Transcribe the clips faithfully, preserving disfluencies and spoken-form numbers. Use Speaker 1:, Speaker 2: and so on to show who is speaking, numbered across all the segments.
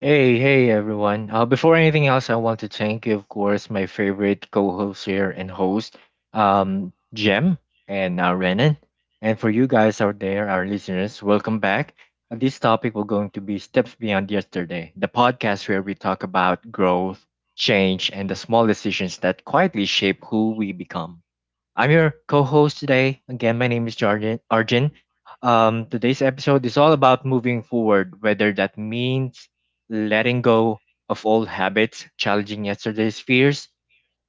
Speaker 1: Hey, hey everyone. Uh, before anything else, I want to thank, you, of course, my favorite co-host here and host, um, Jem and uh, Renan. And for you guys out there, our listeners, welcome back. Uh, this topic will going to be Steps Beyond Yesterday, the podcast where we talk about growth, change, and the small decisions that quietly shape who we become. I'm your co-host today. Again, my name is Jarjan Arjun. Um, today's episode is all about moving forward, whether that means letting go of old habits, challenging yesterday's fears,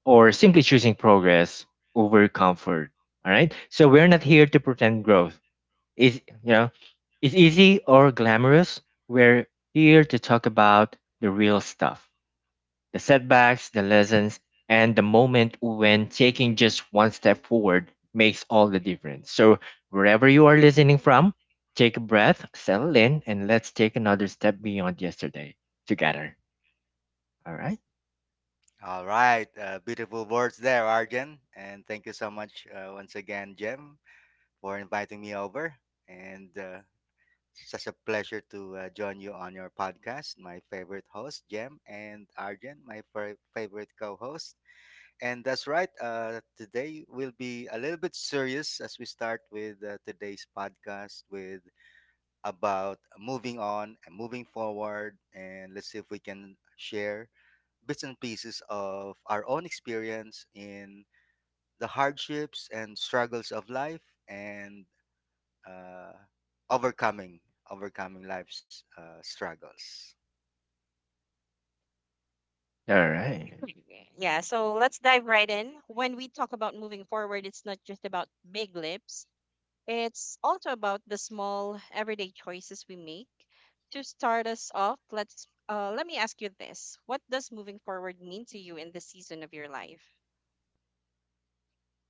Speaker 1: or simply choosing progress over comfort. All right. So we're not here to pretend growth is you know is easy or glamorous. We're here to talk about the real stuff, the setbacks, the lessons, and the moment when taking just one step forward makes all the difference. So, wherever you are listening from, take a breath, settle in, and let's take another step beyond yesterday together. All right? All right.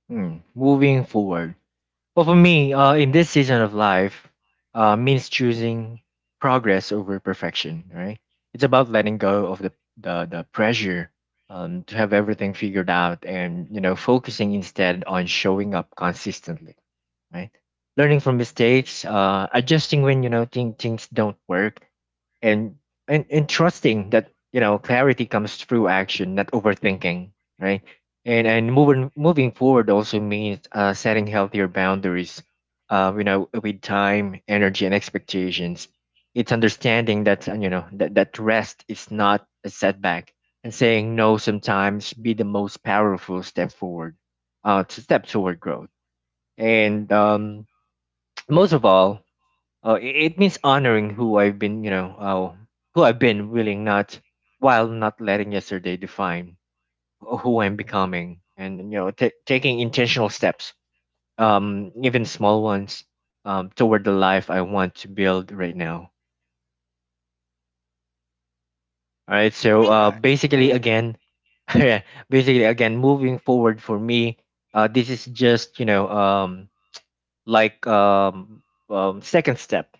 Speaker 1: Hmm. Moving forward. Well, for me, uh, in this season of life, uh, means choosing progress over perfection. Right? It's about letting go of the the, the pressure um, to have everything figured out, and you know, focusing instead on showing up consistently. Right? Learning from mistakes, uh, adjusting when you know thing, things don't work, and and and trusting that you know clarity comes through action, not overthinking. Right? and and moving moving forward also means uh, setting healthier boundaries, uh, you know with time, energy, and expectations. It's understanding that uh, you know that, that rest is not a setback, and saying no sometimes be the most powerful step forward, uh, to step toward growth. And um, most of all, uh, it, it means honoring who I've been, you know uh, who I've been willing not while not letting yesterday define who I'm becoming, and you know, ta taking intentional steps, um, even small ones, um, toward the life I want to build right now. All right, so
Speaker 2: All
Speaker 1: uh,
Speaker 2: right.
Speaker 1: basically, again, yeah, basically, again, moving forward for me, uh, this is just you know, um, like um, um, second step,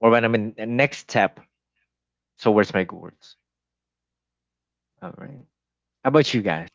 Speaker 1: or when I'm in the next step towards my goals. All right, how about you guys?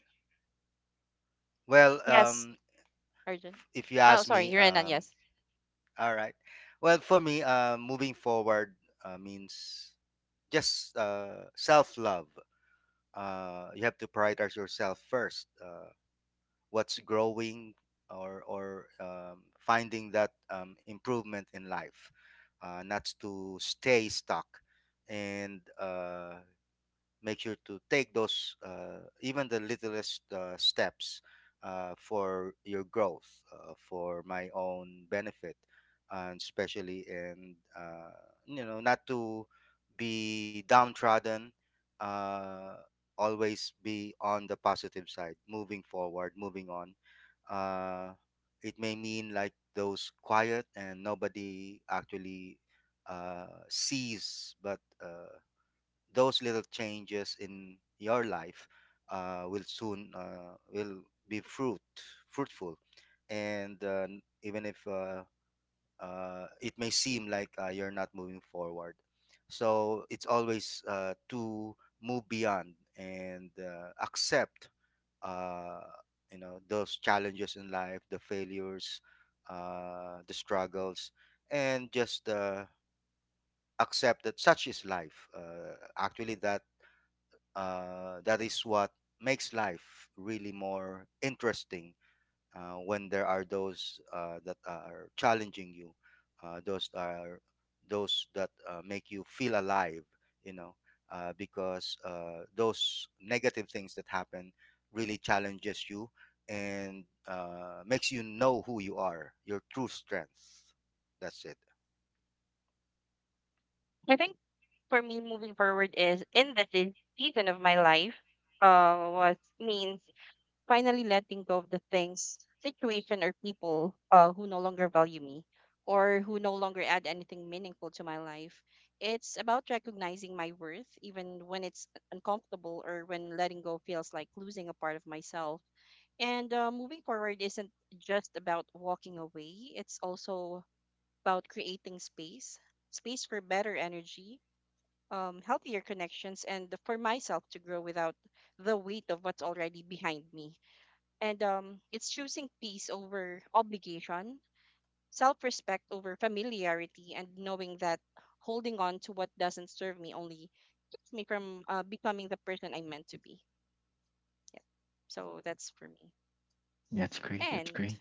Speaker 1: That's great. That's great.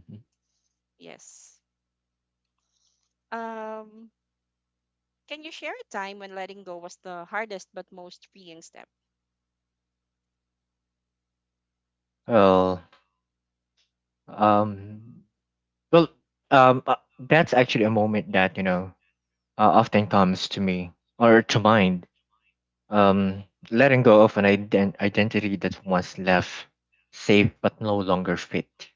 Speaker 1: Mhm. Well, um, well, um, uh, that's actually a moment that you know uh, often comes to me or to mind. Um, Letting go of an ident- identity that once left safe but no longer fit.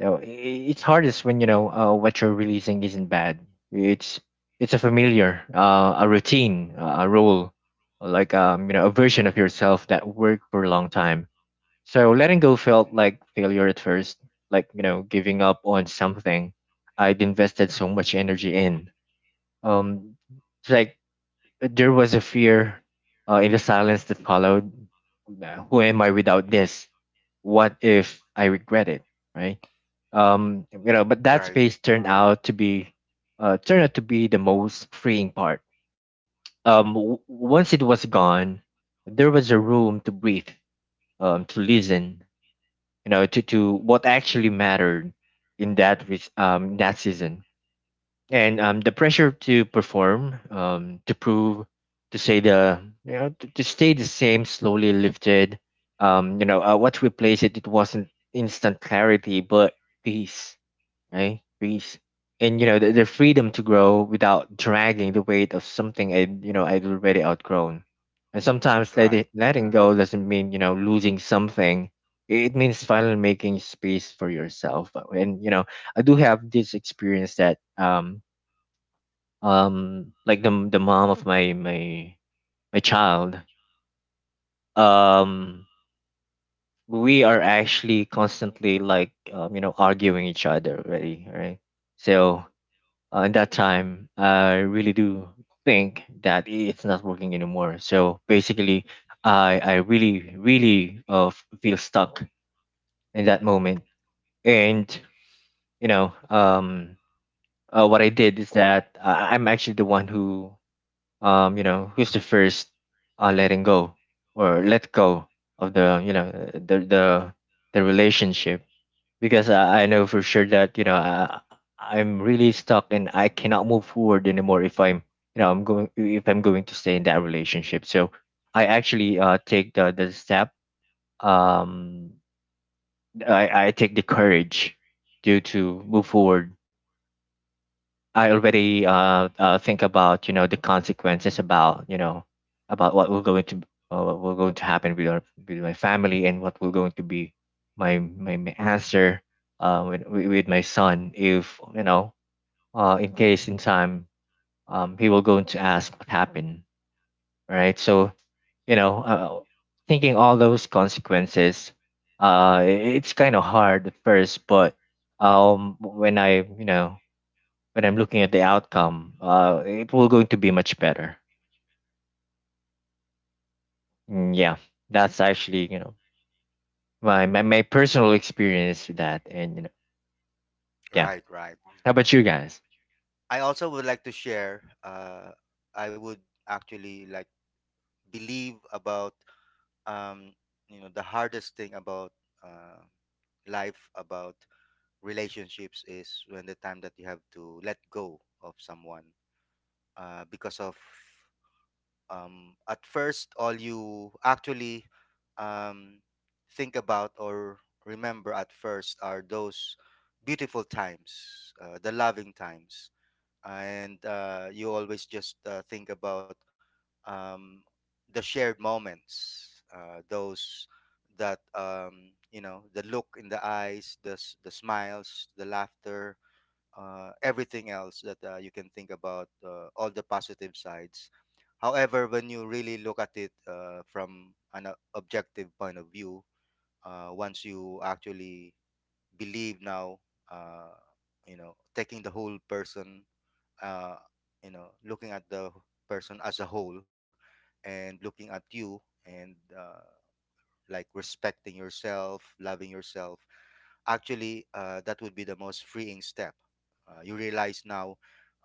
Speaker 1: You know, i- i- it's hardest when you know uh, what you're releasing isn't bad. It's it's a familiar, uh, a routine, uh, a role, like um, you know, a version of yourself that worked for a long time. So letting go felt like failure at first, like you know, giving up on something I'd invested so much energy in. Um, it's like there was a fear uh, in the silence that followed. Uh, Who am I without this? What if I regret it? Right? Um, you know, but that
Speaker 2: Right,
Speaker 1: space turned out to be, uh, turned out to be the most freeing part. Um, w- once it was gone, there was a room to breathe, um, to listen, you know, to, to what actually mattered in that re- um, that season. And um, the pressure to perform, um, to prove, to say the you know to, to stay the same slowly lifted. Um, you know uh, what replaced it? It wasn't instant clarity, but peace, right? Greece. And you know, the, the freedom to grow without dragging the weight of something I you know I'd already outgrown. And sometimes let it, letting go doesn't mean you know losing something. It means finally making space for yourself. And you know, I do have this experience that um um like the the mom of my my my child, um we are actually constantly like, um, you know arguing each other already, right? So Uh, in that time, I really do think that it's not working anymore. So basically, I I really really uh, f- feel stuck in that moment. And you know, um, uh, what I did is that I- I'm actually the one who um you know who's the first uh letting go or let go of the you know the the the relationship, because I, I know for sure that you know I, I'm really stuck and I cannot move forward anymore if I'm you know I'm going if I'm going to stay in that relationship. So I actually uh, take the the step. Um, I I take the courage to to move forward. I already uh, uh think about you know the consequences about you know about what will going to, uh, what will going to happen with our with my family, and what will going to be my my, my answer uh with with with my son, if you know uh in case in time um he will going to ask what happened, right? So you know uh, thinking all those consequences, uh i- it's kind of hard at first, but um when I you know when I'm looking at the outcome, uh, it will going to be much better. Mm, yeah, that's actually you know my, my my personal experience with that, and you know, yeah.
Speaker 2: right, right.
Speaker 1: How about you guys?
Speaker 2: I also would like to share. Uh, I would actually like believe about um, you know the hardest thing about uh, life, about relationships is when the time that you have to let go of someone uh, because of um, at first all you actually um, think about or remember at first are those beautiful times, uh, the loving times, and uh, you always just uh, think about um, the shared moments, uh, those that um, you know, the look in the eyes, the s- the smiles, the laughter, uh, everything else that uh, you can think about, uh, all the positive sides. However, when you really look at it uh, from an uh, objective point of view, uh, once you actually believe now, uh, you know, taking the whole person, uh, you know, looking at the person as a whole, and looking at you and uh, like respecting yourself, loving yourself, actually uh, that would be the most freeing step. Uh, you realize now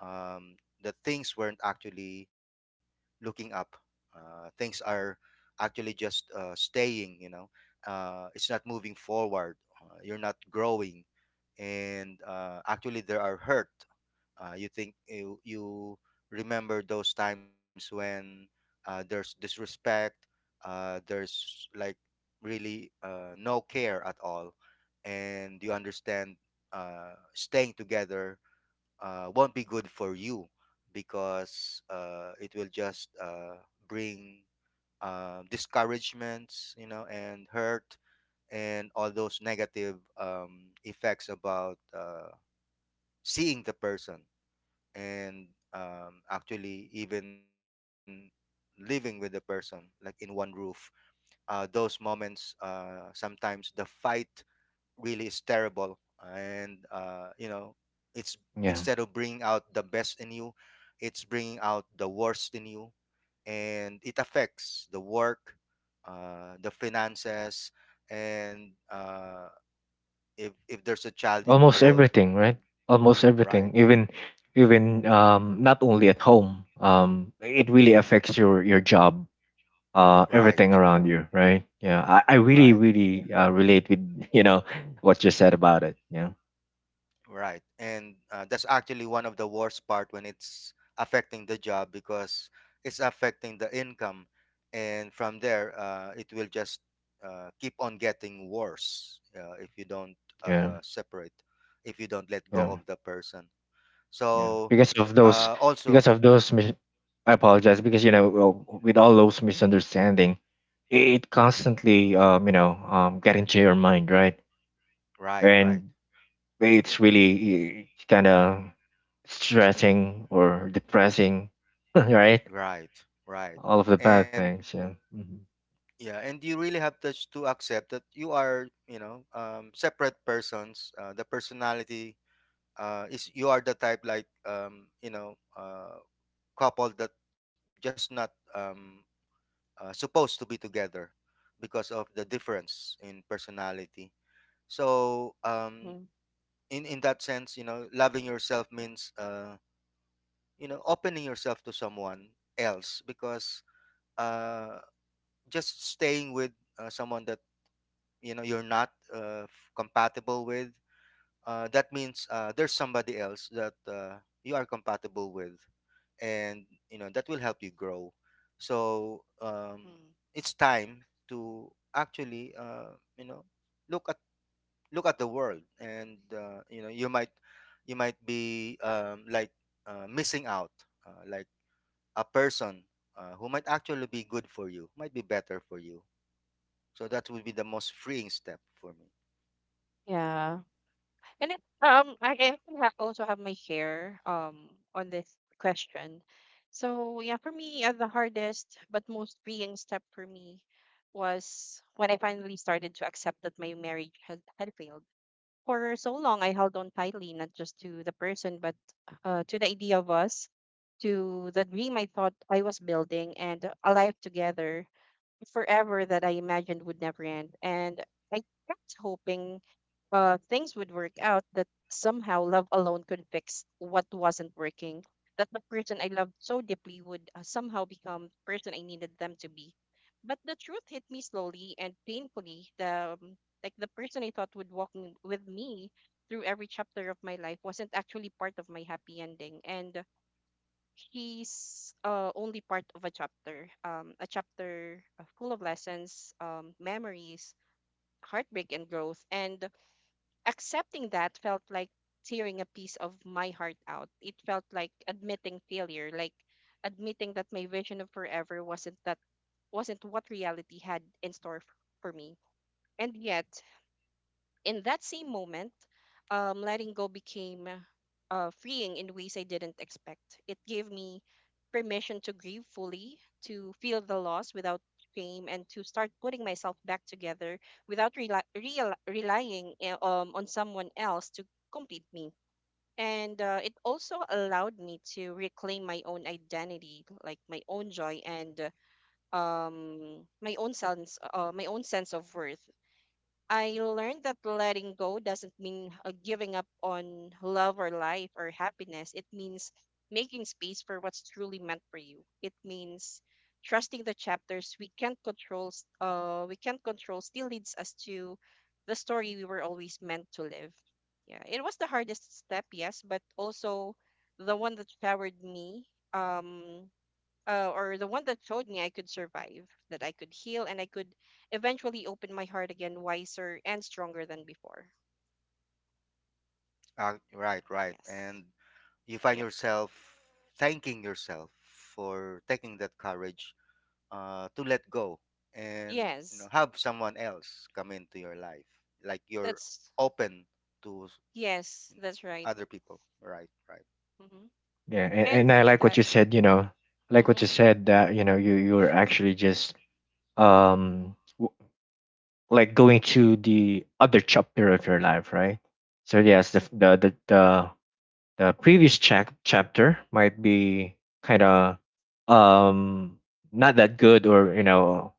Speaker 2: um, that things weren't actually looking up. Uh, things are actually just uh, staying. You know, uh, it's not moving forward. Uh, you're not growing, and uh, actually there are hurt. Uh, you think you you remember those times when uh, there's disrespect, uh, there's like really uh, no care at all, and you understand uh, staying together uh, won't be good for you because uh, it will just uh, bring uh, discouragements, you know, and hurt and all those negative um, effects about uh, seeing the person and um, actually even living with the person like in one roof uh, those moments uh, sometimes the fight really is terrible and uh, you know it's
Speaker 1: Yeah,
Speaker 2: instead of bringing out the best in you, it's bringing out the worst in you, and it affects the work, uh, the finances, and uh, if if there's a child
Speaker 1: almost
Speaker 2: involved.
Speaker 1: everything, right? Almost
Speaker 2: right
Speaker 1: everything, even even um not only at home, um it really affects your your job, uh everything
Speaker 2: right
Speaker 1: around you, right? Yeah, I I really
Speaker 2: right
Speaker 1: really uh, relate with you know what you said about it. Yeah,
Speaker 2: Right. And uh, that's actually one of the worst part when it's affecting the job because it's affecting the income. And from there, uh, it will just uh, keep on getting worse uh, if you don't
Speaker 1: yeah,
Speaker 2: uh, separate, if you don't let go
Speaker 1: yeah.
Speaker 2: of the person.
Speaker 1: Yeah,
Speaker 2: So,
Speaker 1: because of those,
Speaker 2: uh, also,
Speaker 1: because of those mis- I apologize, because you know well, with all those misunderstanding, it constantly um you know um get into your mind, right?
Speaker 2: right, right,
Speaker 1: And it's really kind of stressing or depressing. Right,
Speaker 2: right, right.
Speaker 1: all of the bad
Speaker 2: And
Speaker 1: things, yeah. Hmm.
Speaker 2: yeah, and you really have to, to accept that you are, you know, um, separate persons. Uh, the personality uh, is you are the type like um, you know uh, couple that just not um, uh, supposed to be together because of the difference in personality. So um, in in that sense, you know, loving yourself means uh, you know opening yourself to someone else because uh, just staying with uh, someone that you know you're not uh, f- compatible with. Uh, that means uh, there's somebody else that uh, you are compatible with and you know that will help you grow. So um, it's time to actually uh, you know look at look at the world and uh, you know you might you might be um, like uh, missing out uh, like a person uh, who might actually be good for you, might be better for you. So that would be the most freeing step for me. uh, right right and you find yourself thanking yourself for taking that courage uh, to let go and you know have someone else come into your life, like you're open to, you know, other people right right
Speaker 1: Yeah, and, and I like what you said, you know, I like what you said, that you know you you were actually just um like going to the other chapter of your life, right? So yes, the the the the, the previous chap chapter might be kind of um not that good, or you know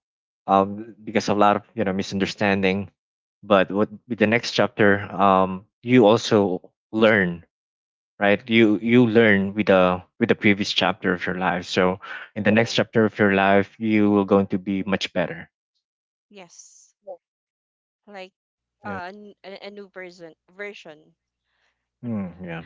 Speaker 1: um because of a lot of you know misunderstanding. But what, with the next chapter, um you also learn, right? you you learn with the with the previous chapter of your life, so in the next chapter of your life you will going to be much better. Yeah. Mm, yeah.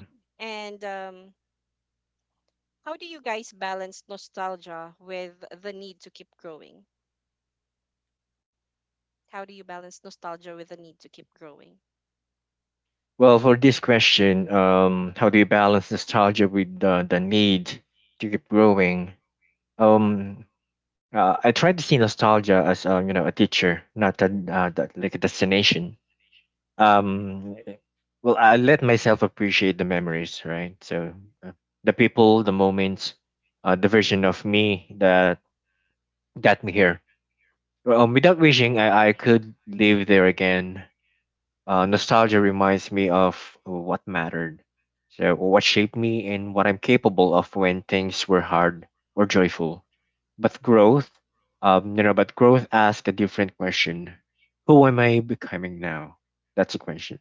Speaker 1: Well, for this question, um, how do you balance nostalgia with the, the need to keep growing? Um, uh, I try to see nostalgia as, um, you know a teacher, not a, uh, that, like a destination. Um, well, I let myself appreciate the memories, right? So uh, the people, the moments, uh, the version of me that got me here. Um, without wishing I, I could live there again. Uh, nostalgia reminds me of what mattered, so what shaped me and what I'm capable of when things were hard or joyful. But growth, um, you know, but growth asks a different question: Who am I becoming now? That's the question.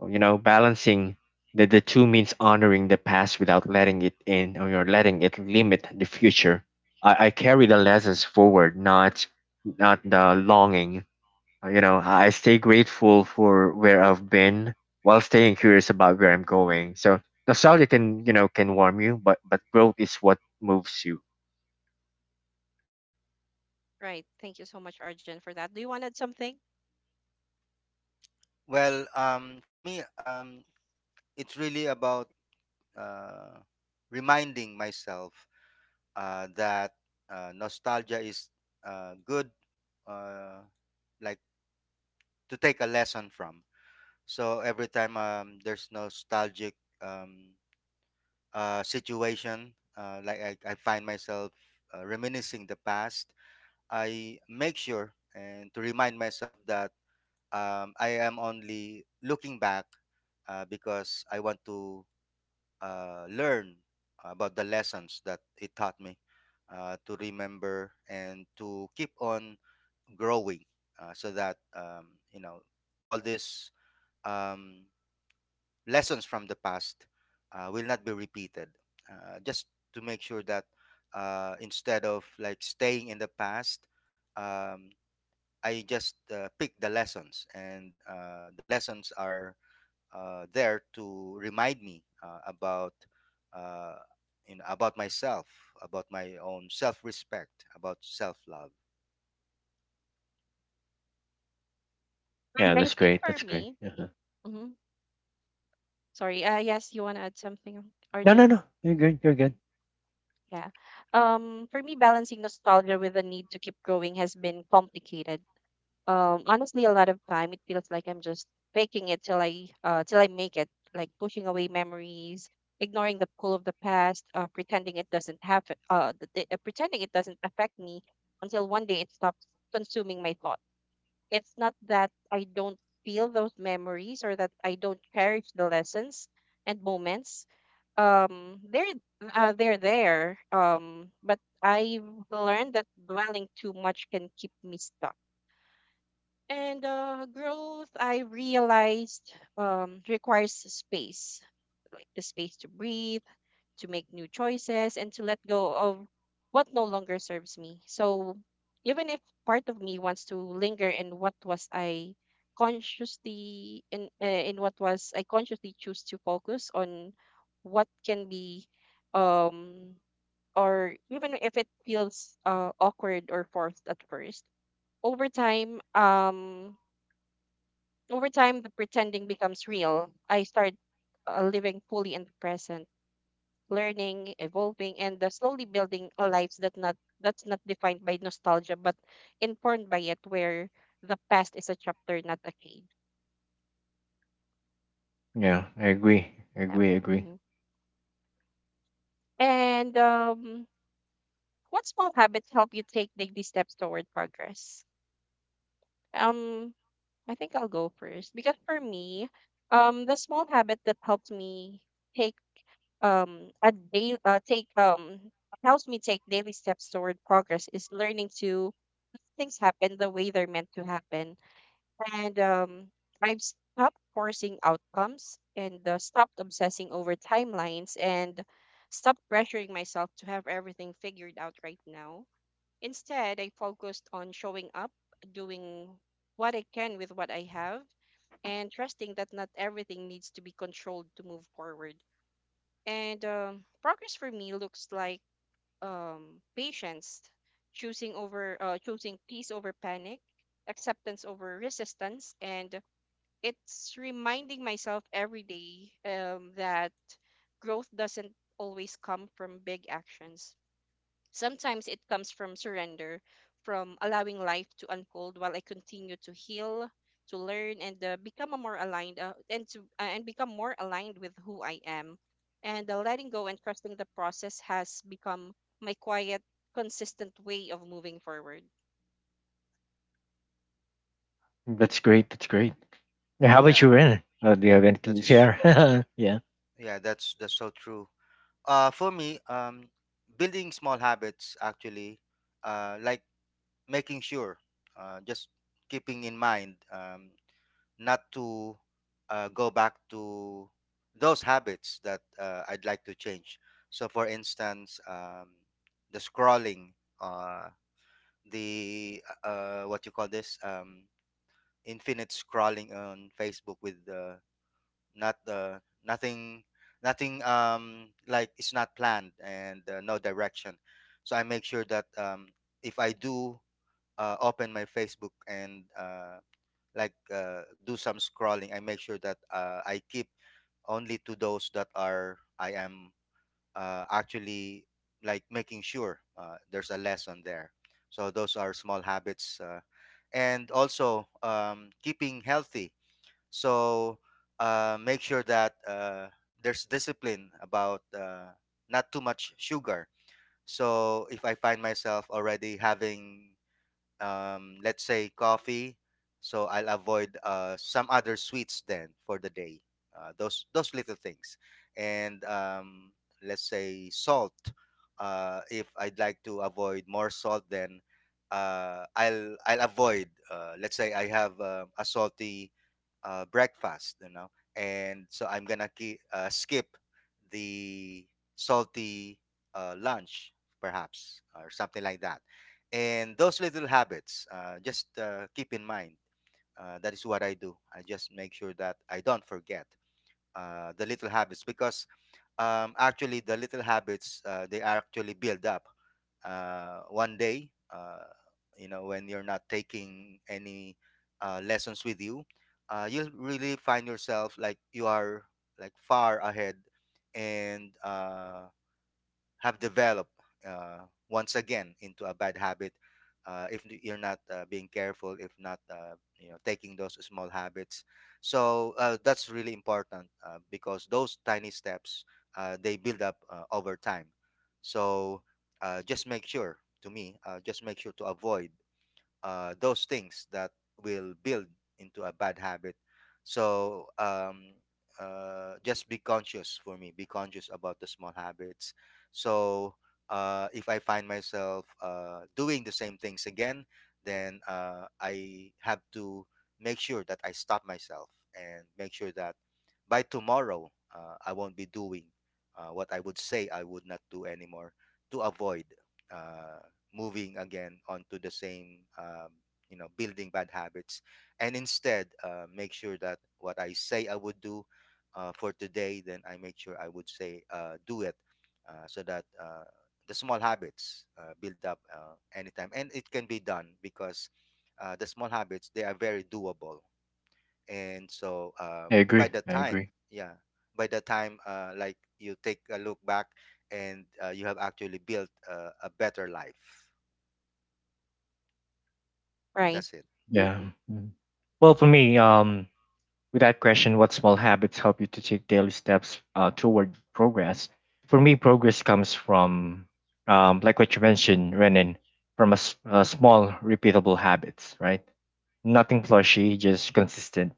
Speaker 1: You know, balancing the the two means honoring the past without letting it in or you're letting it limit the future. I, I carry the lessons forward, not not the longing. uh, You know, I stay grateful for where I've been while staying curious about where I'm going. So nostalgia can, you know, can warm you, but but growth is what moves you.
Speaker 2: well um for me, um it's really about uh reminding myself uh that uh, nostalgia is uh good, uh like to take a lesson from. So every time um there's nostalgic um uh, situation, uh, like I, I find myself uh, reminiscing the past, I make sure and to remind myself that um, I am only looking back uh, because I want to uh, learn about the lessons that it taught me, uh, to remember and to keep on growing, uh, so that um, you know all this. Um, Lessons from the past uh, will not be repeated. Uh, just to make sure that uh, instead of like staying in the past, um, I just uh, pick the lessons, and uh, the lessons are uh, there to remind me uh, about uh, you know about myself, about my own self-respect, about self-love.
Speaker 1: Yeah, that's great. That's great. Uh-huh. No, no, no. You're good. You're good. Yeah, I agree. I agree. I agree. That's great. That's great. Yeah, how
Speaker 2: Yeah,
Speaker 1: about you, Ren? Uh, do you have anything
Speaker 2: that
Speaker 1: to
Speaker 2: is
Speaker 1: share? Yeah,
Speaker 2: yeah, that's that's so true. Uh, for me, um, building small habits, actually uh, like making sure, uh, just keeping in mind um, not to uh, go back to those habits that uh, I'd like to change. So, for instance, um, the scrolling, uh, the uh, uh, what you call this, um, infinite scrolling on Facebook with uh, not uh, nothing, nothing, um, like it's not planned and uh, no direction. So I make sure that um, if I do uh, open my Facebook and uh, like uh, do some scrolling, I make sure that uh, I keep only to those that are I am uh, actually like making sure uh, there's a lesson there. So those are small habits, uh, and also um, keeping healthy. So uh, make sure that uh, there's discipline about uh, not too much sugar. So if I find myself already having um, let's say coffee. So I'll avoid uh, some other sweets then for the day. Uh, those those little things, and um, let's say salt. Uh, if I'd like to avoid more salt, then uh, I'll I'll avoid. Uh, let's say I have uh, a salty uh, breakfast, you know, and so I'm gonna ki- uh, skip the salty uh, lunch, perhaps, or something like that, and those little habits, uh, just uh, keep in mind. Uh, that is what I do. I just make sure that I don't forget uh, the little habits because um, actually the little habits uh, they are actually build up. Uh, one day, uh, you know, when you're not taking any uh, lessons with you, uh, you'll really find yourself like you are like far ahead and uh, have developed uh, once again into a bad habit, uh, if n- you're not uh, being careful, if not uh, you know taking those small habits. So uh, that's really important uh, because those tiny steps uh, they build up uh, over time. So uh, just make sure to me uh, just make sure to avoid uh, those things that will build into a bad habit. So um, uh, just be conscious for me. Be conscious about the small habits. So uh, if I find myself uh, doing the same things again, then uh, I have to make sure that I stop myself and make sure that by tomorrow, uh, I won't be doing uh, what I would say I would not do anymore to avoid uh, moving again onto the same, um, you know, building bad habits. And instead, uh, make sure that what I say I would do uh, for today, then I make sure I would say uh, do it uh, so that uh, the small habits uh, build up uh, anytime. And it can be done because uh, the small habits, they are very doable, and so uh,
Speaker 1: I
Speaker 2: by
Speaker 1: agree.
Speaker 2: the
Speaker 1: I
Speaker 2: time
Speaker 1: agree.
Speaker 2: yeah by the time uh, like you take a look back and uh, you have actually built uh, a better life.
Speaker 3: Right.
Speaker 2: that's it
Speaker 1: Yeah. Mm. Well, for me, um, with that question, what small habits help you to take daily steps uh, toward progress? For me, progress comes from, um, like what you mentioned, Renan, from a, s- a small, repeatable habits, right? Nothing flashy, just consistent.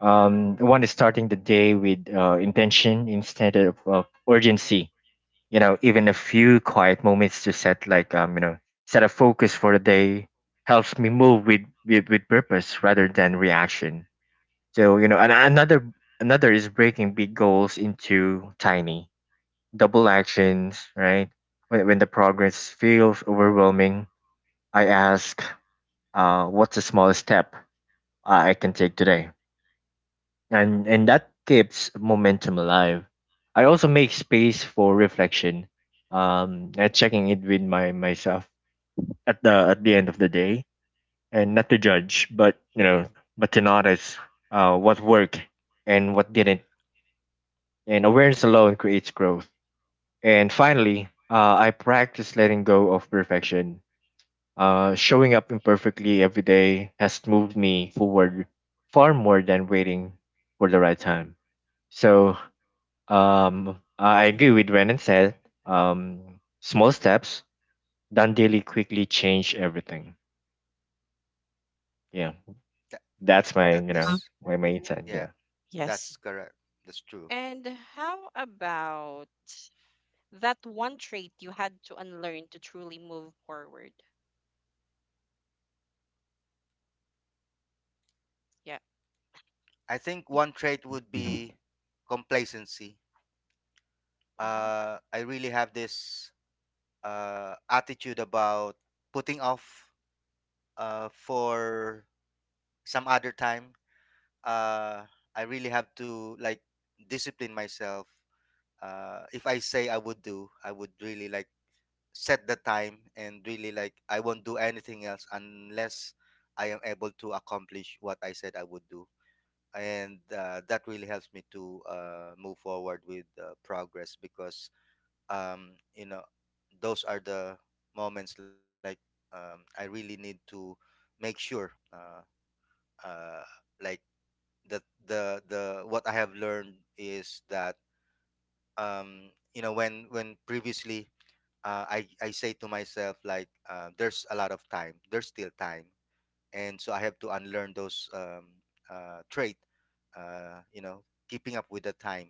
Speaker 1: Um, one is starting the day with uh, intention instead of, of urgency. You know, even a few quiet moments to set, like, um, you know, set a focus for the day helps me move with, with, with purpose rather than reaction. So you know, and another, another is breaking big goals into tiny double actions, right? When when the progress feels overwhelming, I ask, uh, what's the smallest step I can take today? And and that keeps momentum alive. I also make space for reflection, um, and checking it with my myself at the at the end of the day, and not to judge, but you know, but to notice uh, what worked and what didn't, and awareness alone creates growth. And finally, uh, I practice letting go of perfection. Uh, showing up imperfectly every day has moved me forward far more than waiting for the right time. So um, I agree with Renan said, um, small steps done daily quickly change everything. Yeah,
Speaker 2: that,
Speaker 3: Right.
Speaker 1: that's my
Speaker 2: that
Speaker 1: you know
Speaker 3: Uh,
Speaker 2: is
Speaker 1: my my insight.
Speaker 2: Yeah,
Speaker 1: Yeah.
Speaker 3: yes.
Speaker 2: that's correct, that's true.
Speaker 3: And how about that one trait you had to unlearn to truly move forward? Yeah.
Speaker 2: I think one trait would
Speaker 1: Hmm.
Speaker 2: be complacency.
Speaker 3: Mm-hmm.
Speaker 2: uh, I really have this uh, attitude about putting off uh, for some other time. uh, I really have to like discipline myself. Uh, if I say I would do, I would really like set the time and really like I won't do anything else unless I am able to accomplish what I said I would do. And uh, that really helps me to uh, move forward with uh, progress because, um, you know, those are the moments like um, I really need to make sure, uh, uh, like, the, the, the, what I have learned is that, um, you know, when, when previously uh, I I say to myself like uh, there's a lot of time, there's still time, and so I have to unlearn those um, uh, trait, uh, you know, keeping up with the time,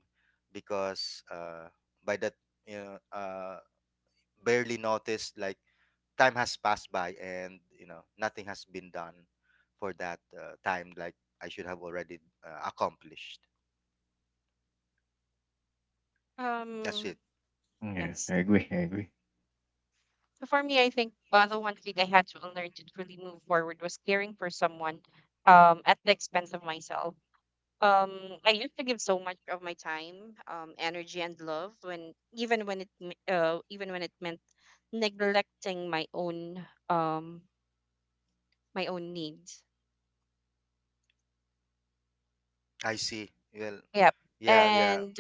Speaker 2: because uh, by that you know uh, barely noticed like time has passed by and you know nothing has been done for that uh, time like I should have already uh, accomplished. That's
Speaker 3: Um.
Speaker 2: it.
Speaker 1: Yeah,
Speaker 3: Yes.
Speaker 1: I agree. I agree.
Speaker 3: So for me, I think uh, the one thing I had to learn to truly move forward was caring for someone, um, at the expense of myself. Um, I used to give so much of my time, um, energy, and love when even when it me- uh, even when it meant neglecting my own um my own needs.
Speaker 2: I see. Well,
Speaker 3: Yep.
Speaker 2: yeah, yeah,
Speaker 3: And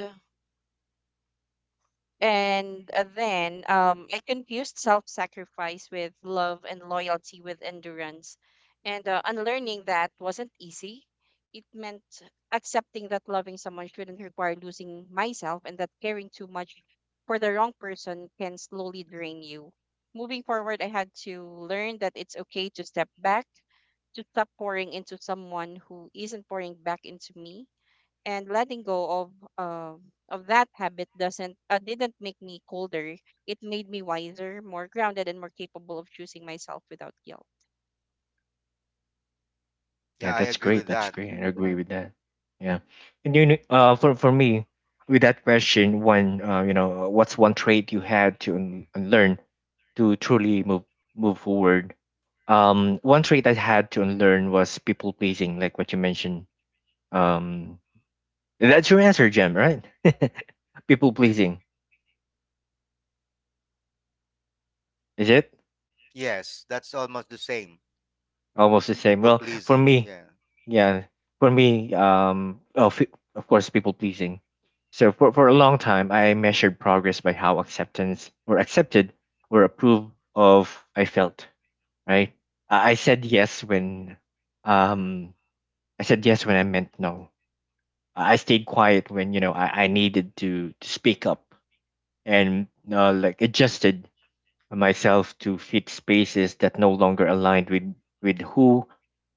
Speaker 3: and uh, then um I confused self-sacrifice with love and loyalty with endurance. And uh, unlearning that wasn't easy. It meant accepting that loving someone shouldn't require losing myself and that caring too much for the wrong person can slowly drain you. Moving forward, I had to learn that it's okay to step back, to stop pouring into someone who isn't pouring back into me and letting go of um of that habit doesn't uh, didn't make me colder. It made me wiser, more grounded, and more capable of choosing myself without guilt.
Speaker 2: yeah.
Speaker 1: Yeah,
Speaker 2: I
Speaker 1: that's
Speaker 2: agree with
Speaker 1: great. That's
Speaker 2: that.
Speaker 1: great. I agree with that. Yeah, and you know, uh, for for me, with that question, one, uh, you know, what's one trait you had to un- unlearn to truly move move forward? Um, one trait I had to unlearn was people pleasing, like what you mentioned. Um, that's your answer, Jem, right? People pleasing, is it?
Speaker 2: Yes, that's almost the same.
Speaker 1: Almost the same.
Speaker 2: People
Speaker 1: Well, for
Speaker 2: pleasing.
Speaker 1: me,
Speaker 2: Yeah.
Speaker 1: yeah, for me, um, of of course, people pleasing. So for for a long time, I measured progress by how acceptance or accepted or approved of I felt. Right. I I said yes when, um, I said yes when I meant no. I I stayed quiet when you know I, I needed to, to speak up and uh, like adjusted myself to fit spaces that no longer aligned with with who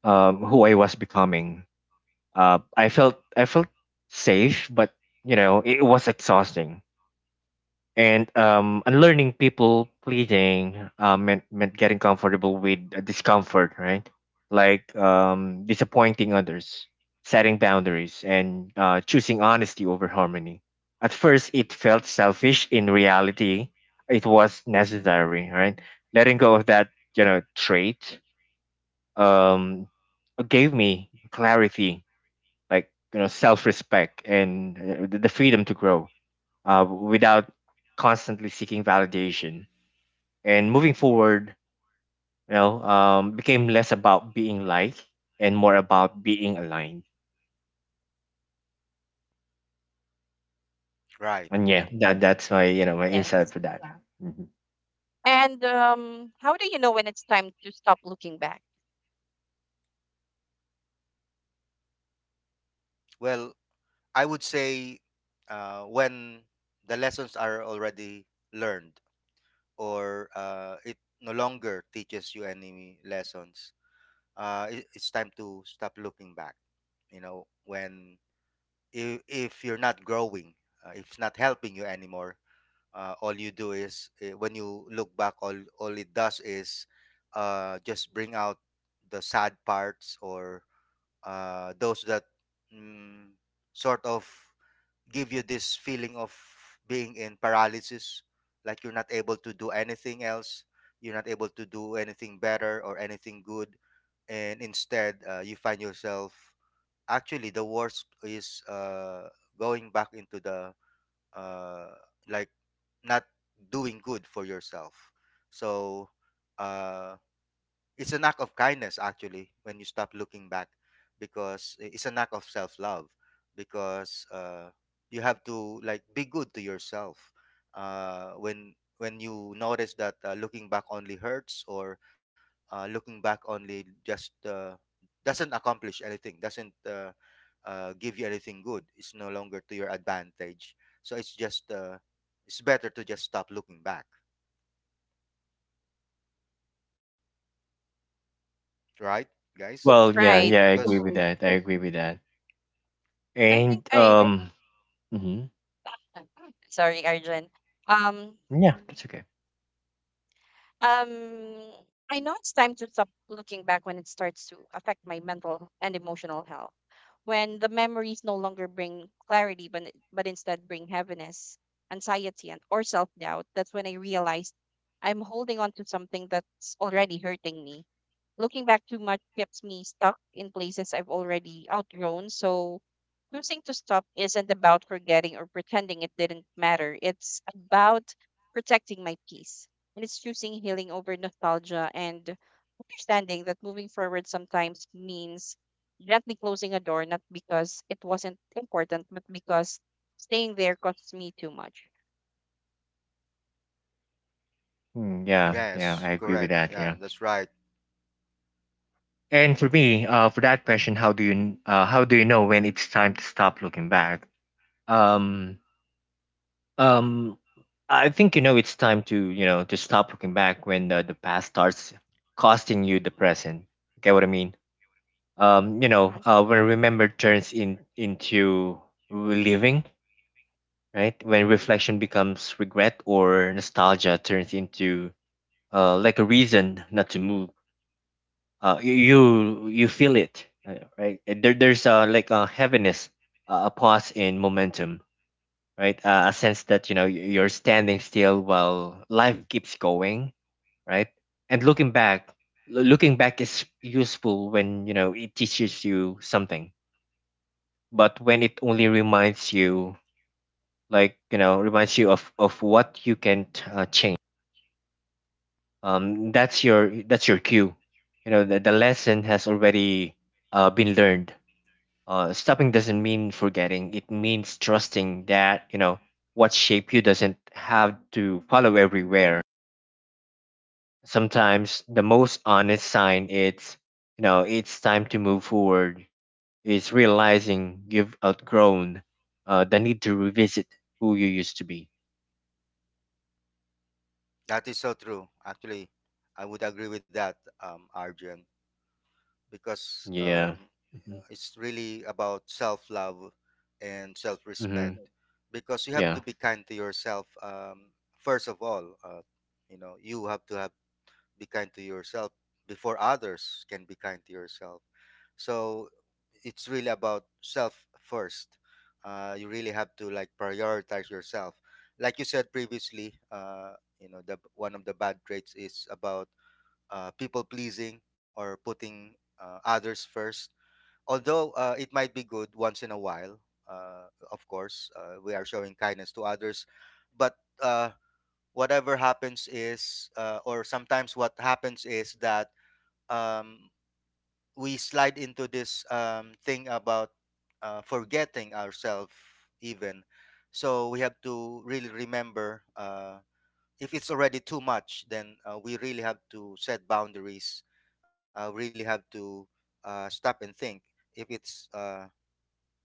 Speaker 1: um, who I was becoming. Uh, I felt I felt safe, but you know it was exhausting, and um, unlearning people pleasing uh, meant meant getting comfortable with the discomfort, right? Like, um, disappointing others, setting boundaries, and uh, choosing honesty over harmony. At first, it felt selfish. In reality, it was necessary, right? Letting go of that, you know, trait, um, gave me clarity, like, you know, self-respect and uh, the the freedom to grow, uh, without constantly seeking validation. And moving forward, you know, um, became less about being liked and more about being aligned.
Speaker 2: Right.
Speaker 1: And yeah, that that's my you know my insight
Speaker 3: Yes.
Speaker 1: for that. Mhm.
Speaker 3: And um, how do you know when it's time to stop looking back?
Speaker 2: Well, I would say uh, when the lessons are already learned or uh, it no longer teaches you any lessons, uh, it, it's time to stop looking back. You know, when if, if you're not growing, uh, if it's not helping you anymore, uh, all you do is eh, when you look back, all all it does is uh, just bring out the sad parts or uh, those that mm, sort of give you this feeling of being in paralysis, like you're not able to do anything else, you're not able to do anything better or anything good, and instead uh, you find yourself actually the worst is uh, going back into the uh, like not doing good for yourself. So uh, it's an act of kindness actually when you stop looking back because i- it's an act of self-love because uh, you have to like be good to yourself uh, when when you notice that uh, looking back only hurts or uh, looking back only just uh, doesn't accomplish anything doesn't uh, uh, give you anything good. It's no longer to your advantage so it's just uh, it's better to just stop looking back, right guys?
Speaker 1: Well, yeah,
Speaker 3: Right.
Speaker 1: yeah, I
Speaker 2: Because
Speaker 1: agree with
Speaker 3: Mhm.
Speaker 1: that. I agree with that.
Speaker 3: I
Speaker 1: And,
Speaker 3: think I.
Speaker 1: um, mhm.
Speaker 3: Sorry, Arjun. Um,
Speaker 1: Yeah, that's okay.
Speaker 3: Um, I know it's time to stop looking back when it starts to affect my mental and emotional health. When the memories no longer bring clarity, but, but instead bring heaviness, anxiety, and or self doubt, that's when I realized I'm holding on to something that's already hurting me. Looking back too much keeps me stuck in places I've already outgrown. So choosing to stop isn't about forgetting or pretending it didn't matter. It's about protecting my peace and it's choosing healing over nostalgia and understanding that moving forward sometimes means gently closing a door, not because it wasn't important, but because staying there costs me too much.
Speaker 1: Mm, yeah, yeah,
Speaker 2: yes,
Speaker 1: I agree with
Speaker 2: correct.
Speaker 1: that.
Speaker 2: Yeah,
Speaker 1: Yeah.
Speaker 2: that's right.
Speaker 1: And for me, uh, for that question, how do you uh, how do you know when it's time to stop looking back? Um, Um, I think you know it's time to you know to stop looking back when the, the past starts costing you the present. Get what I mean? Um, you know,
Speaker 3: Right.
Speaker 1: uh, when remember turns in into reliving, right? When reflection becomes regret or nostalgia turns into uh like a reason not to move. Uh, you you you feel it, uh, right? There, there's uh like a heaviness, uh, a pause in momentum, right? Uh, a sense that you know y- you're standing still while life keeps going, right? And looking back, lo- looking back is useful when you know it teaches you something, but when it only reminds you, like, you know, reminds you of of what you can't, uh, change. Um, that's your that's your cue. You know, the, the lesson has already, uh, been learned. Uh, stopping doesn't mean forgetting. It means trusting that, you know, what shape you doesn't have to follow everywhere. Sometimes the most honest sign it's, you know, it's time to move forward. It's realizing you've outgrown, uh, the need to revisit who you used to be.
Speaker 2: That is so true. Actually, I would agree with that, um, Arjun, because
Speaker 1: Yeah.
Speaker 2: um,
Speaker 1: Hmm.
Speaker 2: it's really about self love and self respect.
Speaker 1: Hmm.
Speaker 2: Because you have
Speaker 1: Yeah.
Speaker 2: to be kind to yourself, um, first of all. Uh, you know, you have to have, be kind to yourself before others can be kind to yourself. So it's really about self first. Uh, you really have to like prioritize yourself. Like you said previously, uh, you know, the one of the bad traits is about uh, people pleasing or putting uh, others first. Although uh, it might be good once in a while, uh, of course, uh, we are showing kindness to others, but uh, whatever happens is, uh, or sometimes what happens is that. Um, we slide into this um, thing about uh, forgetting ourselves even, so we have to really remember uh, if it's already too much then uh, we really have to set boundaries, uh, really have to uh, stop and think if it's uh,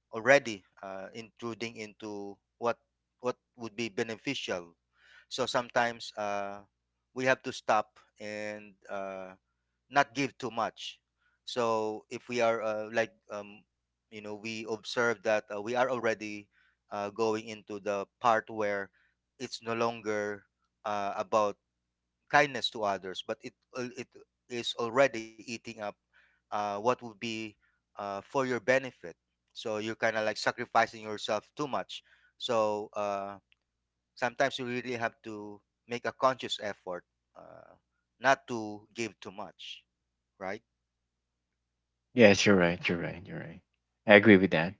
Speaker 2: already uh, intruding into what what would be beneficial. So sometimes uh, we have to stop and uh, not give too much. So if we are uh, like um, you know we observe that uh, we are already uh, going into the part where it's no longer uh, about kindness to others, but it al- it is already eating up uh, what would be uh, for your benefit. So you're kind of like sacrificing yourself too much. So uh, sometimes you really have to make a conscious effort uh, not to give too much, right?
Speaker 1: Yes, you're right. You're right. You're right. I agree with that.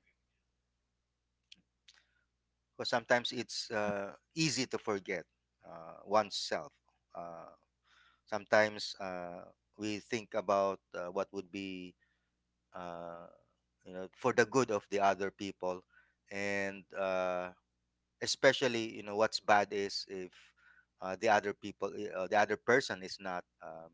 Speaker 2: Because sometimes it's uh, easy to forget uh, oneself. Uh, Sometimes uh, we think about uh, what would be, uh, you know, for the good of the other people, and uh, especially you know what's bad is if uh, the other people i- uh, the other person is not um,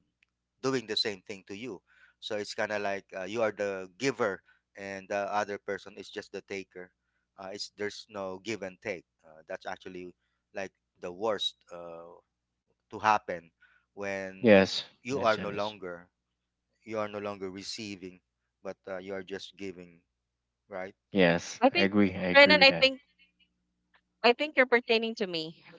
Speaker 2: doing the same thing to you. So it's kind of like uh, you are the giver and the other person is just the taker. Uh, it's there's no give and take uh, that's actually like the worst uh, to happen when
Speaker 1: Yes.
Speaker 2: you
Speaker 1: Yes,
Speaker 2: are
Speaker 1: it
Speaker 2: no
Speaker 1: is.
Speaker 2: longer, you are no longer receiving but uh, you are just giving, right?
Speaker 1: Yes,
Speaker 3: I
Speaker 1: I
Speaker 3: think,
Speaker 1: agree. I agree
Speaker 3: Renan,
Speaker 1: with
Speaker 3: I
Speaker 1: that.
Speaker 3: think, I think you're pertaining to me.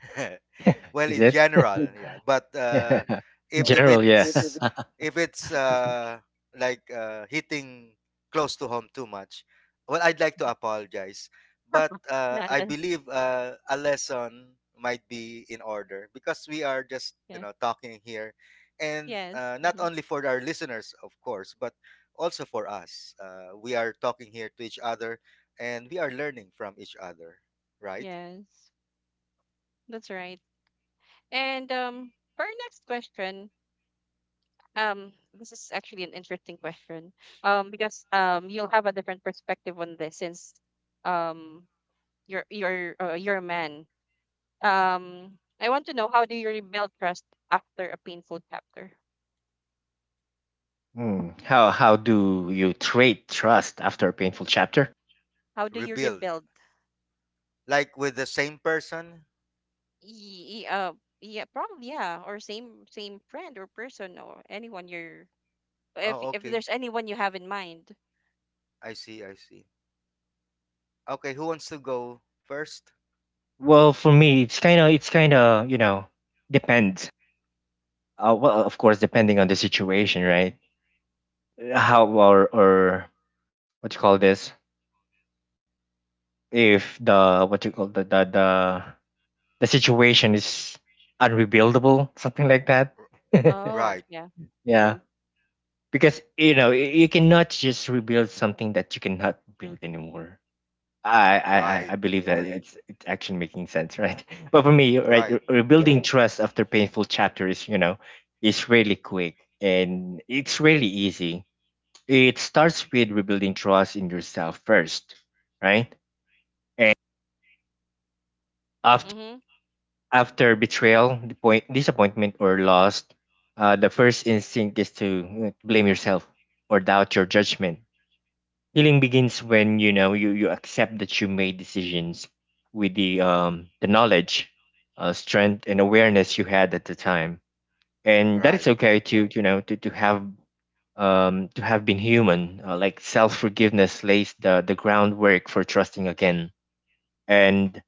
Speaker 2: Well,
Speaker 1: Is
Speaker 2: in
Speaker 1: it?
Speaker 2: general, yeah, but uh
Speaker 1: In
Speaker 2: if if
Speaker 1: general, yeah.
Speaker 2: it's, if it's uh like uh hitting close to home too much, well, I'd like to apologize, but uh
Speaker 3: No,
Speaker 2: I
Speaker 3: no.
Speaker 2: believe uh a lesson might be in order because we are just you
Speaker 3: Yeah.
Speaker 2: know talking here, and
Speaker 3: Yes.
Speaker 2: uh, not
Speaker 3: Hmm.
Speaker 2: only for our listeners of course, but also for us. Uh, we are talking here to each other and we are learning from each other, right?
Speaker 3: Yes. That's right. And um, for our next question, um, this is actually an interesting question. Um, because um, you'll have a different perspective on this since um your your uh, your man. Um, I want to know, how do you rebuild trust after a painful chapter?
Speaker 1: Hmm. how how do you trade trust after a painful chapter?
Speaker 3: How do you
Speaker 2: Rebuild.
Speaker 3: rebuild?
Speaker 2: Like with the same person?
Speaker 3: Y- y- uh, yeah, probably yeah, or same same friend or person or anyone you're if
Speaker 2: Oh,
Speaker 3: if there's
Speaker 2: okay.
Speaker 3: anyone you have in mind.
Speaker 2: I see, I see. Okay, who wants to go first?
Speaker 1: Well, for me, it's kind of it's kind of you know depends. Uh, well, of course, depending on the situation, right? Uh, How or or what you call this? If the what you call the the the, the situation is unrebuildable, something like that.
Speaker 3: Oh
Speaker 2: Right,
Speaker 3: yeah.
Speaker 1: Yeah, because you know y- you cannot just rebuild something that you cannot build anymore. I, I I
Speaker 2: right,
Speaker 1: I believe that it's it's actually making sense, right? But for me, right,
Speaker 2: right,
Speaker 1: re- rebuilding trust after painful chapter is, you know, is really quick and it's really easy. It starts with rebuilding trust in yourself first, right? And after
Speaker 3: Mm-hmm.
Speaker 1: after betrayal, the point, disappointment, or loss, uh, the first instinct is to, uh, blame yourself or doubt your judgment. Healing begins when you know you, you accept that you made decisions with the um the knowledge, uh, strength and awareness you had at the time, and that it's
Speaker 2: right,
Speaker 1: okay to you know to to have um to have been human. Uh, like, self forgiveness lays the the groundwork for trusting again, and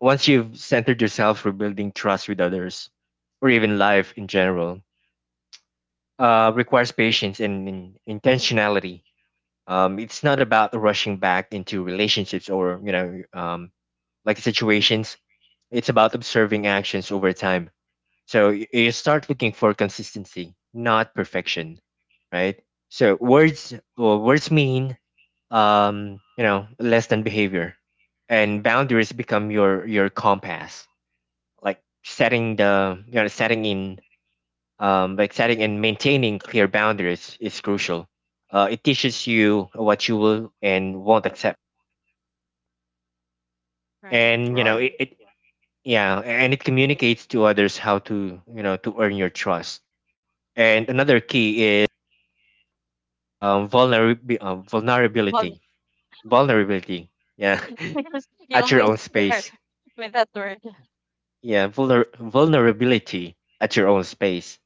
Speaker 1: once you've centered yourself, rebuilding trust with others, or even life in general, uh, requires patience and, and intentionality. Um, it's not about rushing back into relationships or you know um, like situations. It's about observing actions over time. So y- you start looking for consistency, not perfection, right? So words well, words mean, um, you know less than behavior, and boundaries become your your compass, like setting the you know setting in um, like setting and maintaining clear boundaries is crucial. Uh, it teaches you what you will and won't accept,
Speaker 3: Right.
Speaker 1: and you know
Speaker 2: right.
Speaker 1: it, it yeah and it communicates to others how to, you know to earn your trust. And another key is, um, vulnerab- uh,
Speaker 3: Well,
Speaker 1: vulnerability vulnerability Yeah.
Speaker 3: because you
Speaker 1: At your
Speaker 3: always
Speaker 1: own
Speaker 3: start
Speaker 1: space.
Speaker 3: with that word.
Speaker 1: Yeah, vulner- vulnerability at your own space.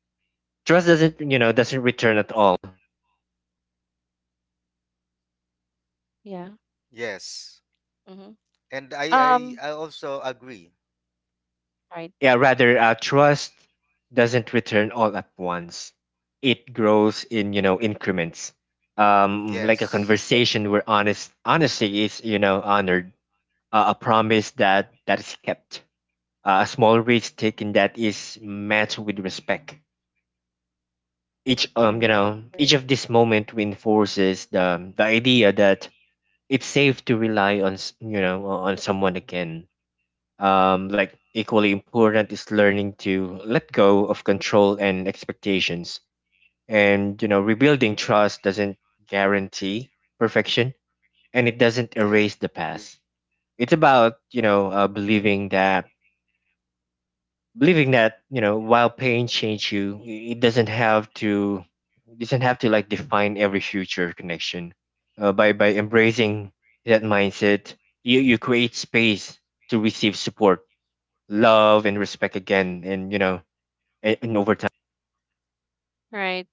Speaker 1: Trust doesn't, you know doesn't return at all.
Speaker 3: Yeah.
Speaker 2: Yes.
Speaker 3: Mm-hmm.
Speaker 2: And I I,
Speaker 3: Um.
Speaker 2: I also agree.
Speaker 3: Right.
Speaker 1: Yeah, rather, uh, trust doesn't return all at once. It grows in, you know increments, um like a
Speaker 2: Yes.
Speaker 1: conversation where honest honesty is, you know honored. Uh, a promise that that is kept, uh, a small risk taken that is met with respect. each um you
Speaker 3: Right.
Speaker 1: know each of this moment reinforces the the idea that it's safe to rely on, s- you know on someone again. Um like, equally important is learning to let go of control and expectations, and you know rebuilding trust doesn't guarantee perfection, and it doesn't
Speaker 2: Yeah.
Speaker 1: erase the past. It's about, you know uh, believing that believing that you know while pain change you, i- it doesn't have to, it doesn't have to like define every future connection. uh, by by embracing that mindset, you you create space to receive support, love and respect again. And, you know a- and over time.
Speaker 3: Right.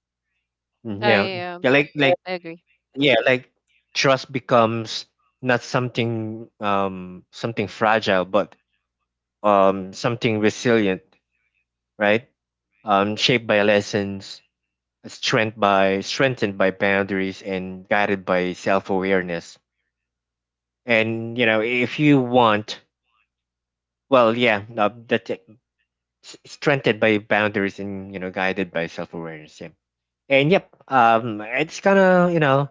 Speaker 1: Mm, yeah,
Speaker 3: I um.
Speaker 1: yeah, like like
Speaker 3: I agree.
Speaker 1: yeah like trust becomes not something, um something fragile, but, um something resilient, right. Um shaped by lessons, strength by strengthened by boundaries and guided by self-awareness. And, you know if you want well yeah uh, that s- strengthened by boundaries and, you know guided by self-awareness. Yeah. And yep um it's kind of you know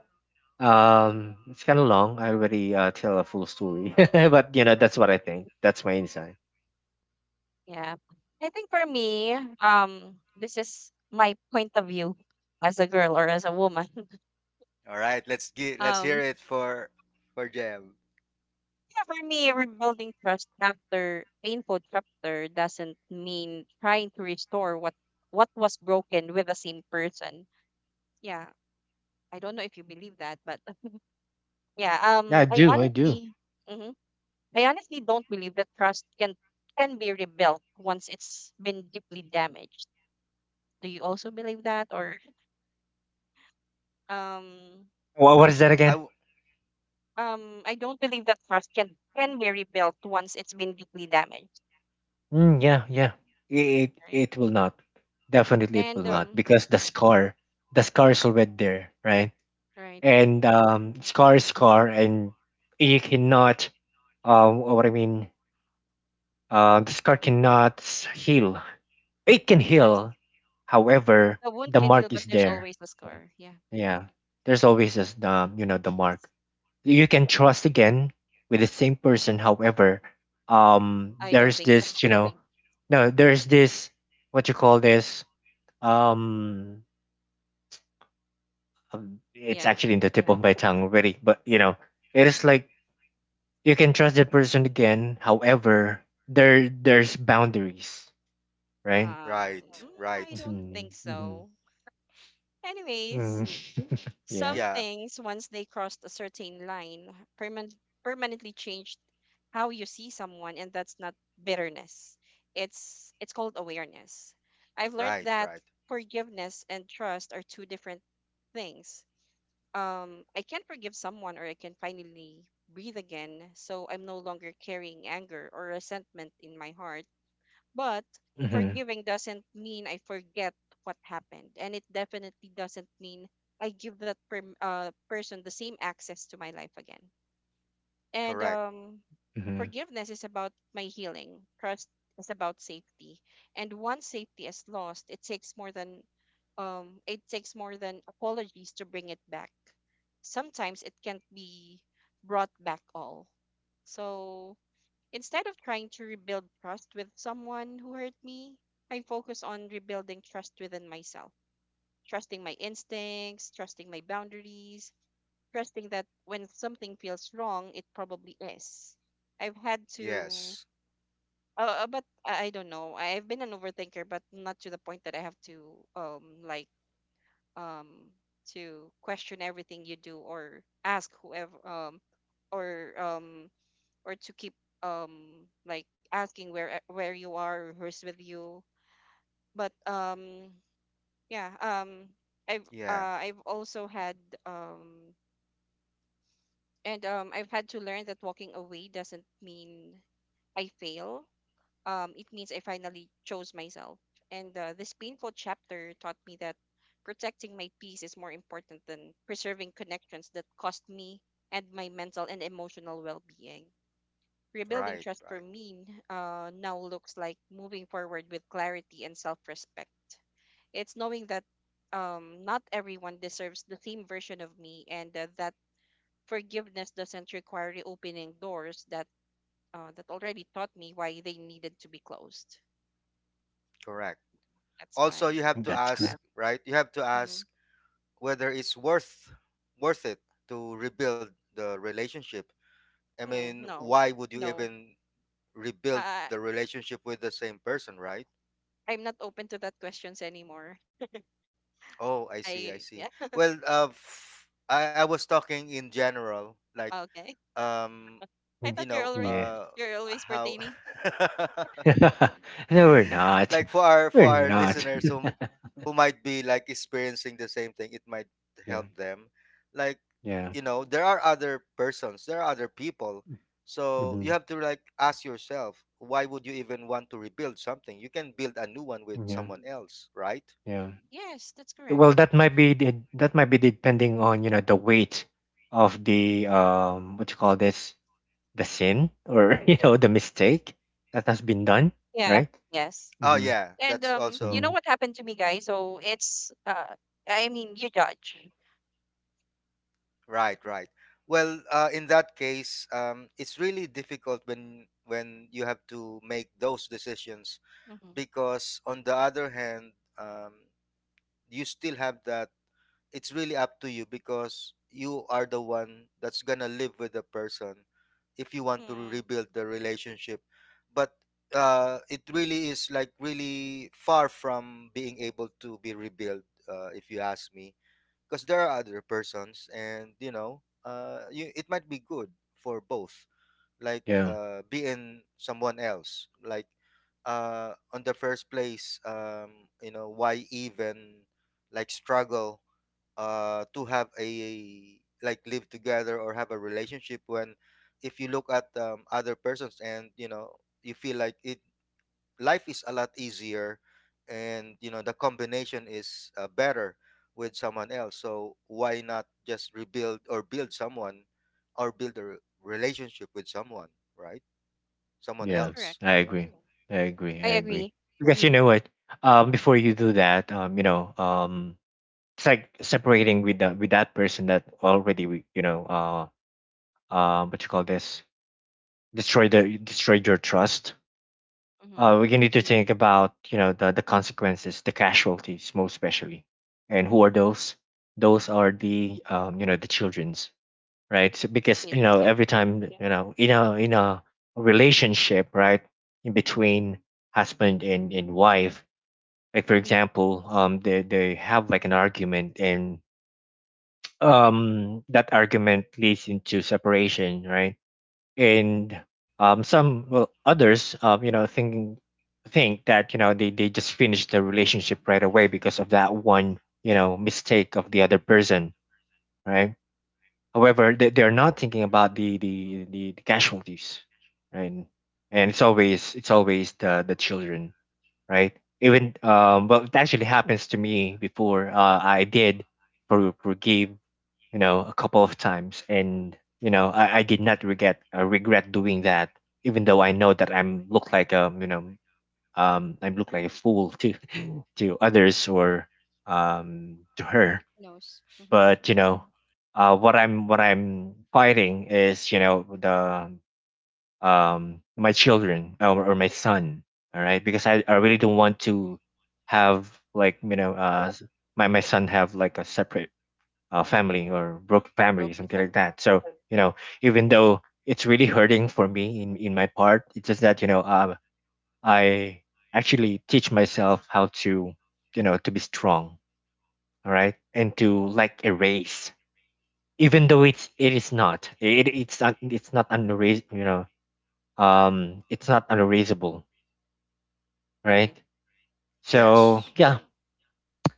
Speaker 1: um it's kind of long, I already, uh, tell a full story. But, you know that's what I think, that's my insight.
Speaker 3: Yeah. I think for me, um, this is my point of view as a girl or as a woman.
Speaker 2: All right, let's get let's hear
Speaker 3: Um,
Speaker 2: it for for Jam.
Speaker 3: yeah, for me, rebuilding trust after painful chapter doesn't mean trying to restore what what was broken with the same person. Yeah, I don't know if you believe that, but yeah,
Speaker 1: Yeah, i
Speaker 3: um, I
Speaker 1: do i do
Speaker 3: honestly, hmm I honestly don't believe that trust can can be rebuilt once it's been deeply damaged. Do you also believe that, or um?
Speaker 1: Wha what is that
Speaker 2: I
Speaker 1: again?
Speaker 2: w-
Speaker 3: um I don't believe that trust can can be rebuilt once it's been deeply damaged,
Speaker 1: Mm, yeah, yeah. It
Speaker 3: right?
Speaker 1: it will not. Definitely it
Speaker 3: And
Speaker 1: will
Speaker 2: w-
Speaker 1: not
Speaker 3: um
Speaker 1: because the scar, the scar is already there, right?
Speaker 3: right,
Speaker 1: And, um scar is scar, and you cannot, um what I mean, uh the scar cannot s- heal. It can
Speaker 3: yes.
Speaker 1: heal. However,
Speaker 3: The wound
Speaker 1: the
Speaker 3: can heal,
Speaker 1: mark
Speaker 3: but
Speaker 1: is
Speaker 3: there's
Speaker 1: there.
Speaker 3: always a scar. Yeah.
Speaker 1: Yeah. There's always this the you know the
Speaker 3: Yes.
Speaker 1: mark. You can trust again with the same person. However, um
Speaker 3: I don't
Speaker 1: there's
Speaker 3: think so.
Speaker 1: this, you know no, there's this, what you call this, um um, it's
Speaker 3: Yeah.
Speaker 1: actually in the tip of my tongue already. But, you know it is like, you can trust that person again. However, there there's boundaries, right?
Speaker 3: Um
Speaker 2: right,
Speaker 3: mm, I
Speaker 2: right.
Speaker 3: don't
Speaker 1: Mm-hmm.
Speaker 3: think
Speaker 1: Mm-hmm.
Speaker 3: so.
Speaker 1: Mm.
Speaker 3: Anyways,
Speaker 1: Yeah.
Speaker 3: some
Speaker 2: Yeah,
Speaker 3: things, once they crossed a certain line, perman- permanently changed how you see someone, and that's not bitterness. It's it's called awareness. I've learned
Speaker 2: right,
Speaker 3: that
Speaker 2: right.
Speaker 3: forgiveness and trust are two different things. Um, I can forgive someone, or I can finally breathe again, so I'm no longer carrying anger or resentment in my heart, but
Speaker 1: Mm-hmm.
Speaker 3: forgiving doesn't mean I forget what happened, and it definitely doesn't mean I give that per- uh, person the same access to my life again. And
Speaker 2: Correct.
Speaker 3: um,
Speaker 1: Mm-hmm.
Speaker 3: forgiveness is about my healing. Trust is about safety. And once safety is lost, it takes more than um, it takes more than apologies to bring it back. Sometimes it can't be brought back all. So instead of trying to rebuild trust with someone who hurt me, I focus on rebuilding trust within myself, trusting my instincts, trusting my boundaries, trusting that when something feels wrong, it probably is. I've had to,
Speaker 2: Yes.
Speaker 3: uh, uh, but I I don't know. I've been an overthinker, but not to the point that I have to, um, like, um, to question everything you do or ask whoever, um, or um or to keep um like asking where e- where you are, who's with you, but um yeah, um i've
Speaker 2: Yeah,
Speaker 3: uh i've also had um and um I've had to learn that walking away doesn't mean I fail, um it means I finally chose myself. And uh, this painful chapter taught me that protecting my peace is more important than preserving connections that cost me and my mental and emotional well-being. Rebuilding
Speaker 2: right,
Speaker 3: trust for
Speaker 2: right.
Speaker 3: me uh, now looks like moving forward with clarity and self respect. It's knowing that um, not everyone deserves the same version of me, and uh, that forgiveness doesn't require reopening doors that uh, that already taught me why they needed to be closed.
Speaker 2: Correct.
Speaker 3: That's
Speaker 2: Also, you
Speaker 3: my
Speaker 2: have to
Speaker 3: take on
Speaker 1: That's
Speaker 3: that.
Speaker 2: ask,
Speaker 1: correct.
Speaker 2: right? You have to
Speaker 3: Hmm
Speaker 2: ask whether it's worth worth it to rebuild the relationship. I
Speaker 3: Hmm,
Speaker 2: mean,
Speaker 3: no,
Speaker 2: why would you
Speaker 3: no,
Speaker 2: even rebuild
Speaker 3: uh,
Speaker 2: the relationship with the same person, right?
Speaker 3: I'm not open to that questions anymore.
Speaker 2: Oh, I see, I
Speaker 3: I
Speaker 2: see.
Speaker 3: yeah,
Speaker 2: Well, uh, f- I, I was talking in general, like,
Speaker 3: okay.
Speaker 2: um,
Speaker 3: I
Speaker 1: Mm.
Speaker 2: you
Speaker 3: thought you're
Speaker 2: know,
Speaker 3: already,
Speaker 1: Yeah.
Speaker 2: uh,
Speaker 3: you're always
Speaker 2: how,
Speaker 3: pertaining.
Speaker 1: No, we're not
Speaker 2: like for our for
Speaker 1: we're
Speaker 2: our
Speaker 1: not
Speaker 2: listeners who who might be like experiencing the same thing, it might
Speaker 1: Yeah.
Speaker 2: help them. Like,
Speaker 1: Yeah.
Speaker 2: you know,
Speaker 3: Mm-hmm.
Speaker 2: there are other persons, there are other people. So you
Speaker 1: Mhm.
Speaker 2: have to like ask yourself, why would you even want to rebuild something? You can build a new one with
Speaker 1: Yeah.
Speaker 2: someone else, right?
Speaker 1: Yeah.
Speaker 3: Yes, that's correct.
Speaker 1: Well, that might be de- that might be depending on, you know, the weight of the um what you call this the sin, or you know the mistake that has been done,
Speaker 3: Yeah,
Speaker 1: right?
Speaker 3: yes.
Speaker 2: Oh
Speaker 1: Mhm.
Speaker 2: yeah,
Speaker 3: And
Speaker 2: that's
Speaker 3: um, you
Speaker 2: also
Speaker 3: know
Speaker 1: Mhm.
Speaker 3: what happened to me, guys? So it's uh, I mean, you judge.
Speaker 2: right, right. Well, uh, in that case, um, it's really difficult when when you have to make those decisions
Speaker 3: Mm-hmm.
Speaker 2: because on the other hand, um, you still have that it's really up to you because you are the one that's gonna live with the person if you want to
Speaker 3: Mm,
Speaker 2: rebuild the relationship, but uh, it really is like really far from being able to be rebuilt, uh, if you ask me, because there are other persons and you know uh, you, it might be good for both, like
Speaker 1: Yeah.
Speaker 2: uh, being someone else, like uh, on the first place, um, you know why even like struggle uh, to have a like live together or have a relationship when if you look at um, other persons and you know you feel like it life is a lot easier, and you know the combination is uh, better with someone else. So why not just rebuild or build someone or build a re- relationship with someone, right? Someone
Speaker 3: that's
Speaker 1: Yeah.
Speaker 2: else.
Speaker 3: correct.
Speaker 1: I agree. I agree.
Speaker 3: I
Speaker 1: I agree.
Speaker 3: agree.
Speaker 1: Because you know what? Um before you do that, um you know, um it's like separating with that with that person that already, we- you know, uh uh what you call this? Destroyed the destroyed your trust.
Speaker 3: Mm-hmm.
Speaker 1: Uh, we need to think about, you know the, the consequences, the casualties most especially. And who are those? Those are the, um, you know the children's, right? So because, you
Speaker 3: It's
Speaker 1: know
Speaker 3: yeah,
Speaker 1: every time that, you know in a in a relationship, right, in between husband and, and wife, like for example, um they, they have like an argument. And um that argument leads into separation, right. And um, some well others, um, you know thinking think that, you know they, they just finish the relationship right away because of that one, you know mistake of the other person, right. However, they, they're not thinking about the the, the the casualties, right. And it's always it's always the the children, right? Even, um, well, it actually happens to me before. Uh, I did for forgive, you know, a couple of times, and you know, I, I did not regret, uh, regret doing that, even though I know that I'm look like a you know, um, I look like a fool to, to others, or um to her.
Speaker 3: who knows? Mm-hmm.
Speaker 1: But you know, uh, what I'm what I'm fighting is you know the um my children, um, or my son. All right, because I, I really don't want to have, like you know uh s- my my son have like a separate, uh, family or broken
Speaker 3: Or
Speaker 1: family,
Speaker 3: broken
Speaker 1: something like
Speaker 3: family,
Speaker 1: that. So you know, even though it's really hurting for me in in my part, it's just that you know uh, I actually teach myself how to, you know, to be strong, all right, and to like erase, even though it's it is not it, it's not it's not unreas you know um, it's not unreasonable, right?
Speaker 3: right?
Speaker 1: So
Speaker 2: Yes,
Speaker 1: yeah,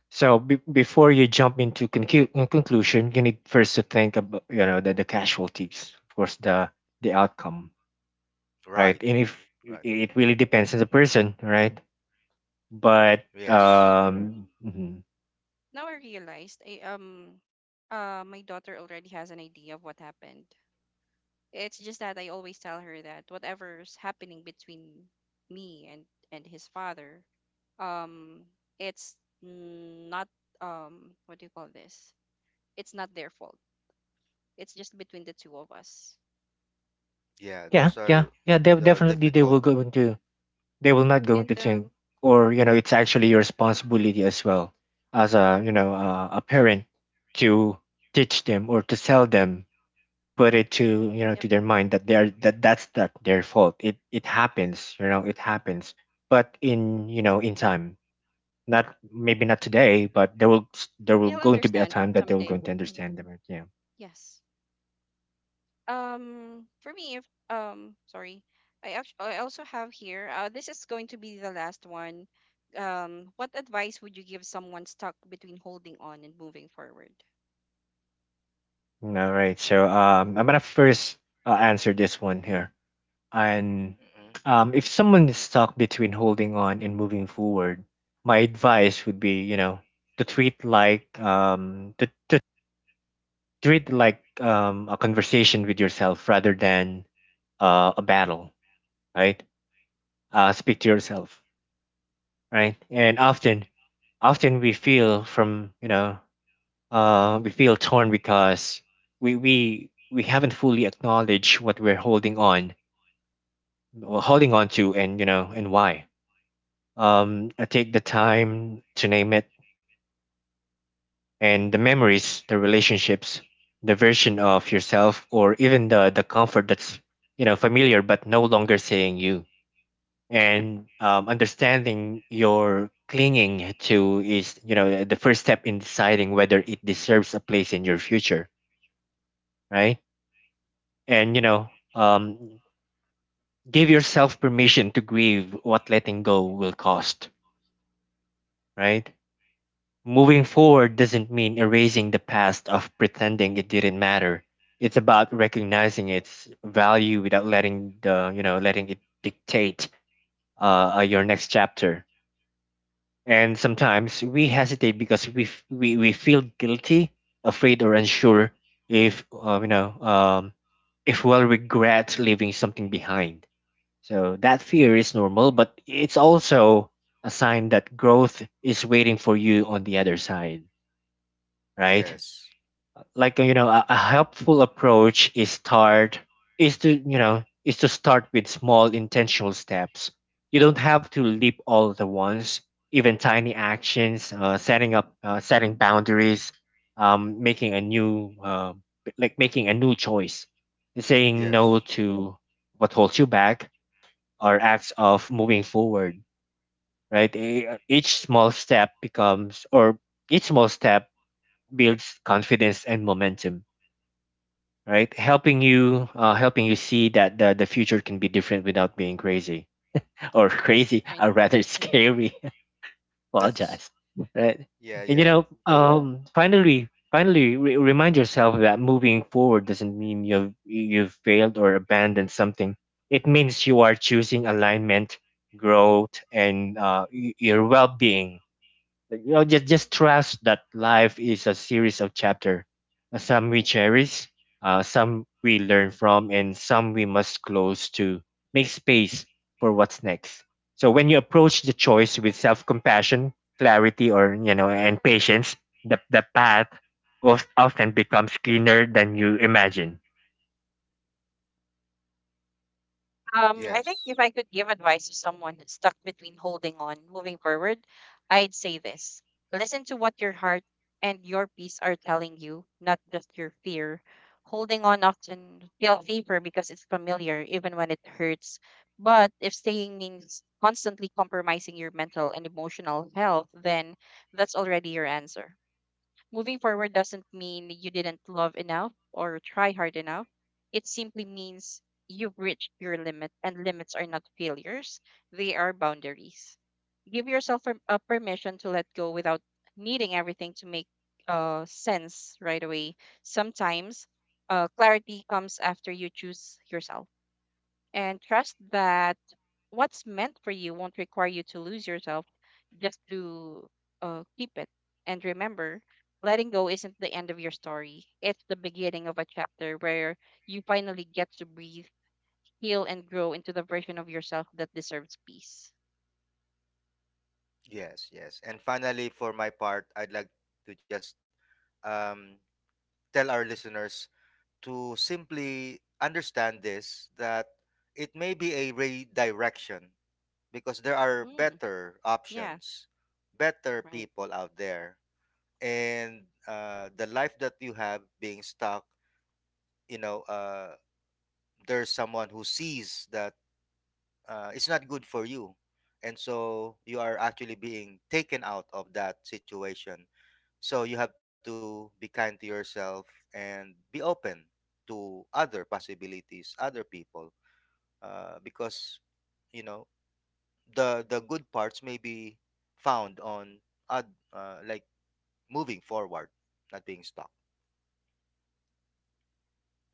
Speaker 1: so be- before you jump into concu- uh, conclusion, you need first to think about, you know, the, the casualties, of course, the the outcome, right?
Speaker 2: right,
Speaker 1: And if it
Speaker 2: right.
Speaker 1: it really depends on the person, right? But
Speaker 3: But you know what?
Speaker 2: Yes,
Speaker 1: um, mhm.
Speaker 3: Now I realized, I, um, uh, my daughter already has an idea of what happened. It's just that I always tell her that whatever's happening between me and and his father, um, it's not um, what do you call this? It's not their fault. It's just between the two of us.
Speaker 2: yeah,
Speaker 1: Yeah,
Speaker 2: those
Speaker 1: yeah,
Speaker 2: are
Speaker 1: yeah, they
Speaker 2: the
Speaker 1: definitely, they
Speaker 2: difficult.
Speaker 1: will going to they will not going to
Speaker 3: And
Speaker 1: think,
Speaker 3: um,
Speaker 1: or you know, it's actually your responsibility as well, as a, you know, uh, a parent, to teach them or to tell them, put it to, you know,
Speaker 3: yep,
Speaker 1: to their mind that they're that that's not their fault. it it happens you know it happens, but in, you know, in time, not maybe not today, but there will, there will
Speaker 3: they'll
Speaker 1: going to be a
Speaker 3: understand
Speaker 1: time that they will
Speaker 3: someday.
Speaker 1: going to understand them, yeah.
Speaker 3: Yes. Um, for me, if um, sorry, I act- I also have here. Uh, this is going to be the last one. Um, what advice would you give someone stuck between holding on and moving forward?
Speaker 1: All right, so um I'm gonna first uh, answer this one here,
Speaker 3: Mm-hmm.
Speaker 1: and
Speaker 2: Mhm.
Speaker 1: um if someone is stuck between holding on and moving forward, my advice would be, you know, to treat like um to, treat it like, um, a conversation with yourself rather than uh, a battle, right. Uh, speak to yourself, right, and often, often we feel from, you know uh, we feel torn because we we we haven't fully acknowledged what we're holding on holding on to, and you know, and why. um I take the time to name it, and the memories, the relationships, the version of yourself, or even the the comfort that's, you know, familiar but no longer saying you. And um, understanding your clinging to is, you know, the first step in deciding whether it deserves a place in your future, right? And you know, um, give yourself permission to grieve what letting go will cost, right? Moving forward doesn't mean erasing the past of pretending it didn't matter. It's about recognizing its value without letting the, you know, letting it dictate, uh, uh, your next chapter. And sometimes we hesitate because we f- we, we feel guilty, afraid, or unsure if uh, you know um, if we'll regret leaving something behind. So that fear is normal, but it's also a sign that growth is waiting for you on the other side, right?
Speaker 2: Yes,
Speaker 1: Like you know, a, a helpful approach is start, is to, you know, is to start with small intentional steps. You don't have to leap all at once. Even tiny actions, uh, setting up uh, setting boundaries, um, making a new, uh, like making a new choice, saying no
Speaker 2: yes,
Speaker 1: to what holds you back, or acts of moving forward, right. E- each small step becomes or each small step builds confidence and momentum, right, helping you, uh, helping you see that the, the future can be different without being crazy, or crazy,
Speaker 3: Right.
Speaker 1: or rather scary. Apologize,
Speaker 2: that's
Speaker 1: right.
Speaker 2: yeah
Speaker 1: And you
Speaker 3: Right.
Speaker 2: yeah.
Speaker 1: know, um finally, finally re- remind yourself that moving forward doesn't mean you've you've failed or abandoned something. It means you are choosing alignment, growth, and uh, y- your well-being. Like, you know, just just trust that life is a series of chapters. Some we cherish, uh, some we learn from, and some we must close to make space for what's next. So when you approach the choice with self-compassion, clarity, or, you know, and patience, the the path of, often becomes cleaner than you imagine.
Speaker 3: Um, I think
Speaker 2: Yes,
Speaker 3: if I could give advice to someone that's stuck between holding on, moving forward, I'd say this. Listen to what your heart and your peace are telling you, not just your fear. Holding on often feels safer because it's familiar, even when it hurts. But if staying means constantly compromising your mental and emotional health, then that's already your answer. Moving forward doesn't mean you didn't love enough or try hard enough. It simply means you've reached your limit, and limits are not failures, they are boundaries. Give yourself per- a permission to let go without needing everything to make uh, sense right away. Sometimes uh, clarity comes after you choose yourself. And trust that what's meant for you won't require you to lose yourself just to uh, keep it. And remember, letting go isn't the end of your story, it's the beginning of a chapter where you finally get to breathe, heal, and grow into the version of yourself that deserves peace.
Speaker 2: yes, yes, and finally for my part I'd like to just um, tell our listeners to simply understand this, that it may be a redirection because there are
Speaker 3: Mm,
Speaker 2: better
Speaker 3: yeah,
Speaker 2: options, better
Speaker 3: right.
Speaker 2: people out there, and uh, the life that you have being stuck, you know, uh, there's someone who sees that uh, it's not good for you, and so you are actually being taken out of that situation. So you have to be kind to yourself and be open to other possibilities, other people, uh, because you know the the good parts may be found on oth- uh, like moving forward, not being stuck.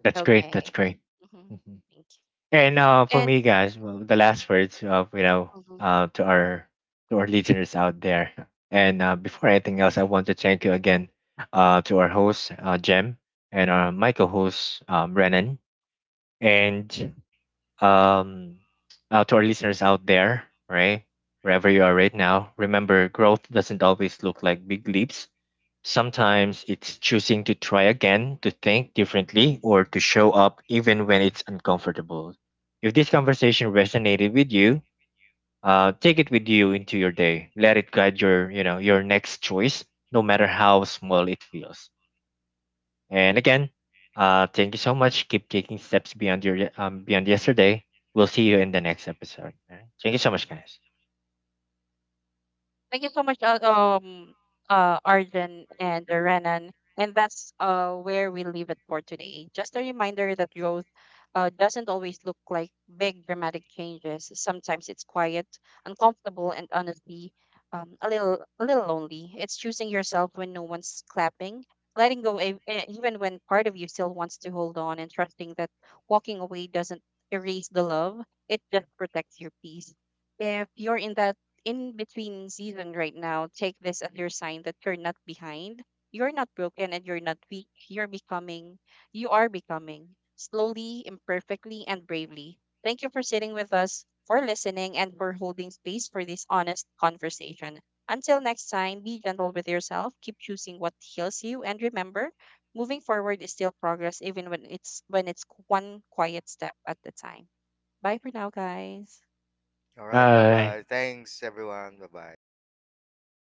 Speaker 1: That's great. That's
Speaker 3: Okay.
Speaker 1: great.
Speaker 3: Hmm.
Speaker 1: Mm-hmm.
Speaker 3: Thank you.
Speaker 1: And uh, for
Speaker 3: And
Speaker 1: me, guys, well, the last words of, you know, uh, to our, to our listeners out there. And uh, before anything else, I want to thank you again, uh, to our host, uh, Jem, and our my co-host, um, Renan, and um, uh, to our listeners out there, right, wherever you are right now. Remember, growth doesn't always look like big leaps. Sometimes it's choosing to try again, to think differently, or to show up even when it's uncomfortable. If this conversation resonated with you, uh, take it with you into your day. Let it guide your, you know, your next choice, no matter how small it feels. And again, uh, thank you so much. Keep taking steps beyond your, um, beyond yesterday. We'll see you in the next episode. All right? Thank you so much, guys.
Speaker 3: thank you so much, uh, um, uh, Arjun and uh, Renan. And that's uh, where we leave it for today. Just a reminder that growth uh, doesn't always look like big dramatic changes. Sometimes it's quiet, uncomfortable, and honestly, um, a little a little lonely. It's choosing yourself when no one's clapping, letting go e- e- even when part of you still wants to hold on, and trusting that walking away doesn't erase the love. It just protects your peace. If you're in that in between season right now, take this as your sign that you're not behind. You're not broken and you're not weak. You're becoming, you are becoming slowly, imperfectly, and bravely. Thank you for sitting with us, for listening, and for holding space for this honest conversation. Until next time, be gentle with yourself, keep choosing what heals you, and remember, moving forward is still progress, even when it's when it's one quiet step at a time. Bye for now, guys.
Speaker 2: All right, bye
Speaker 1: Bye.
Speaker 2: bye. Thanks everyone. Bye bye.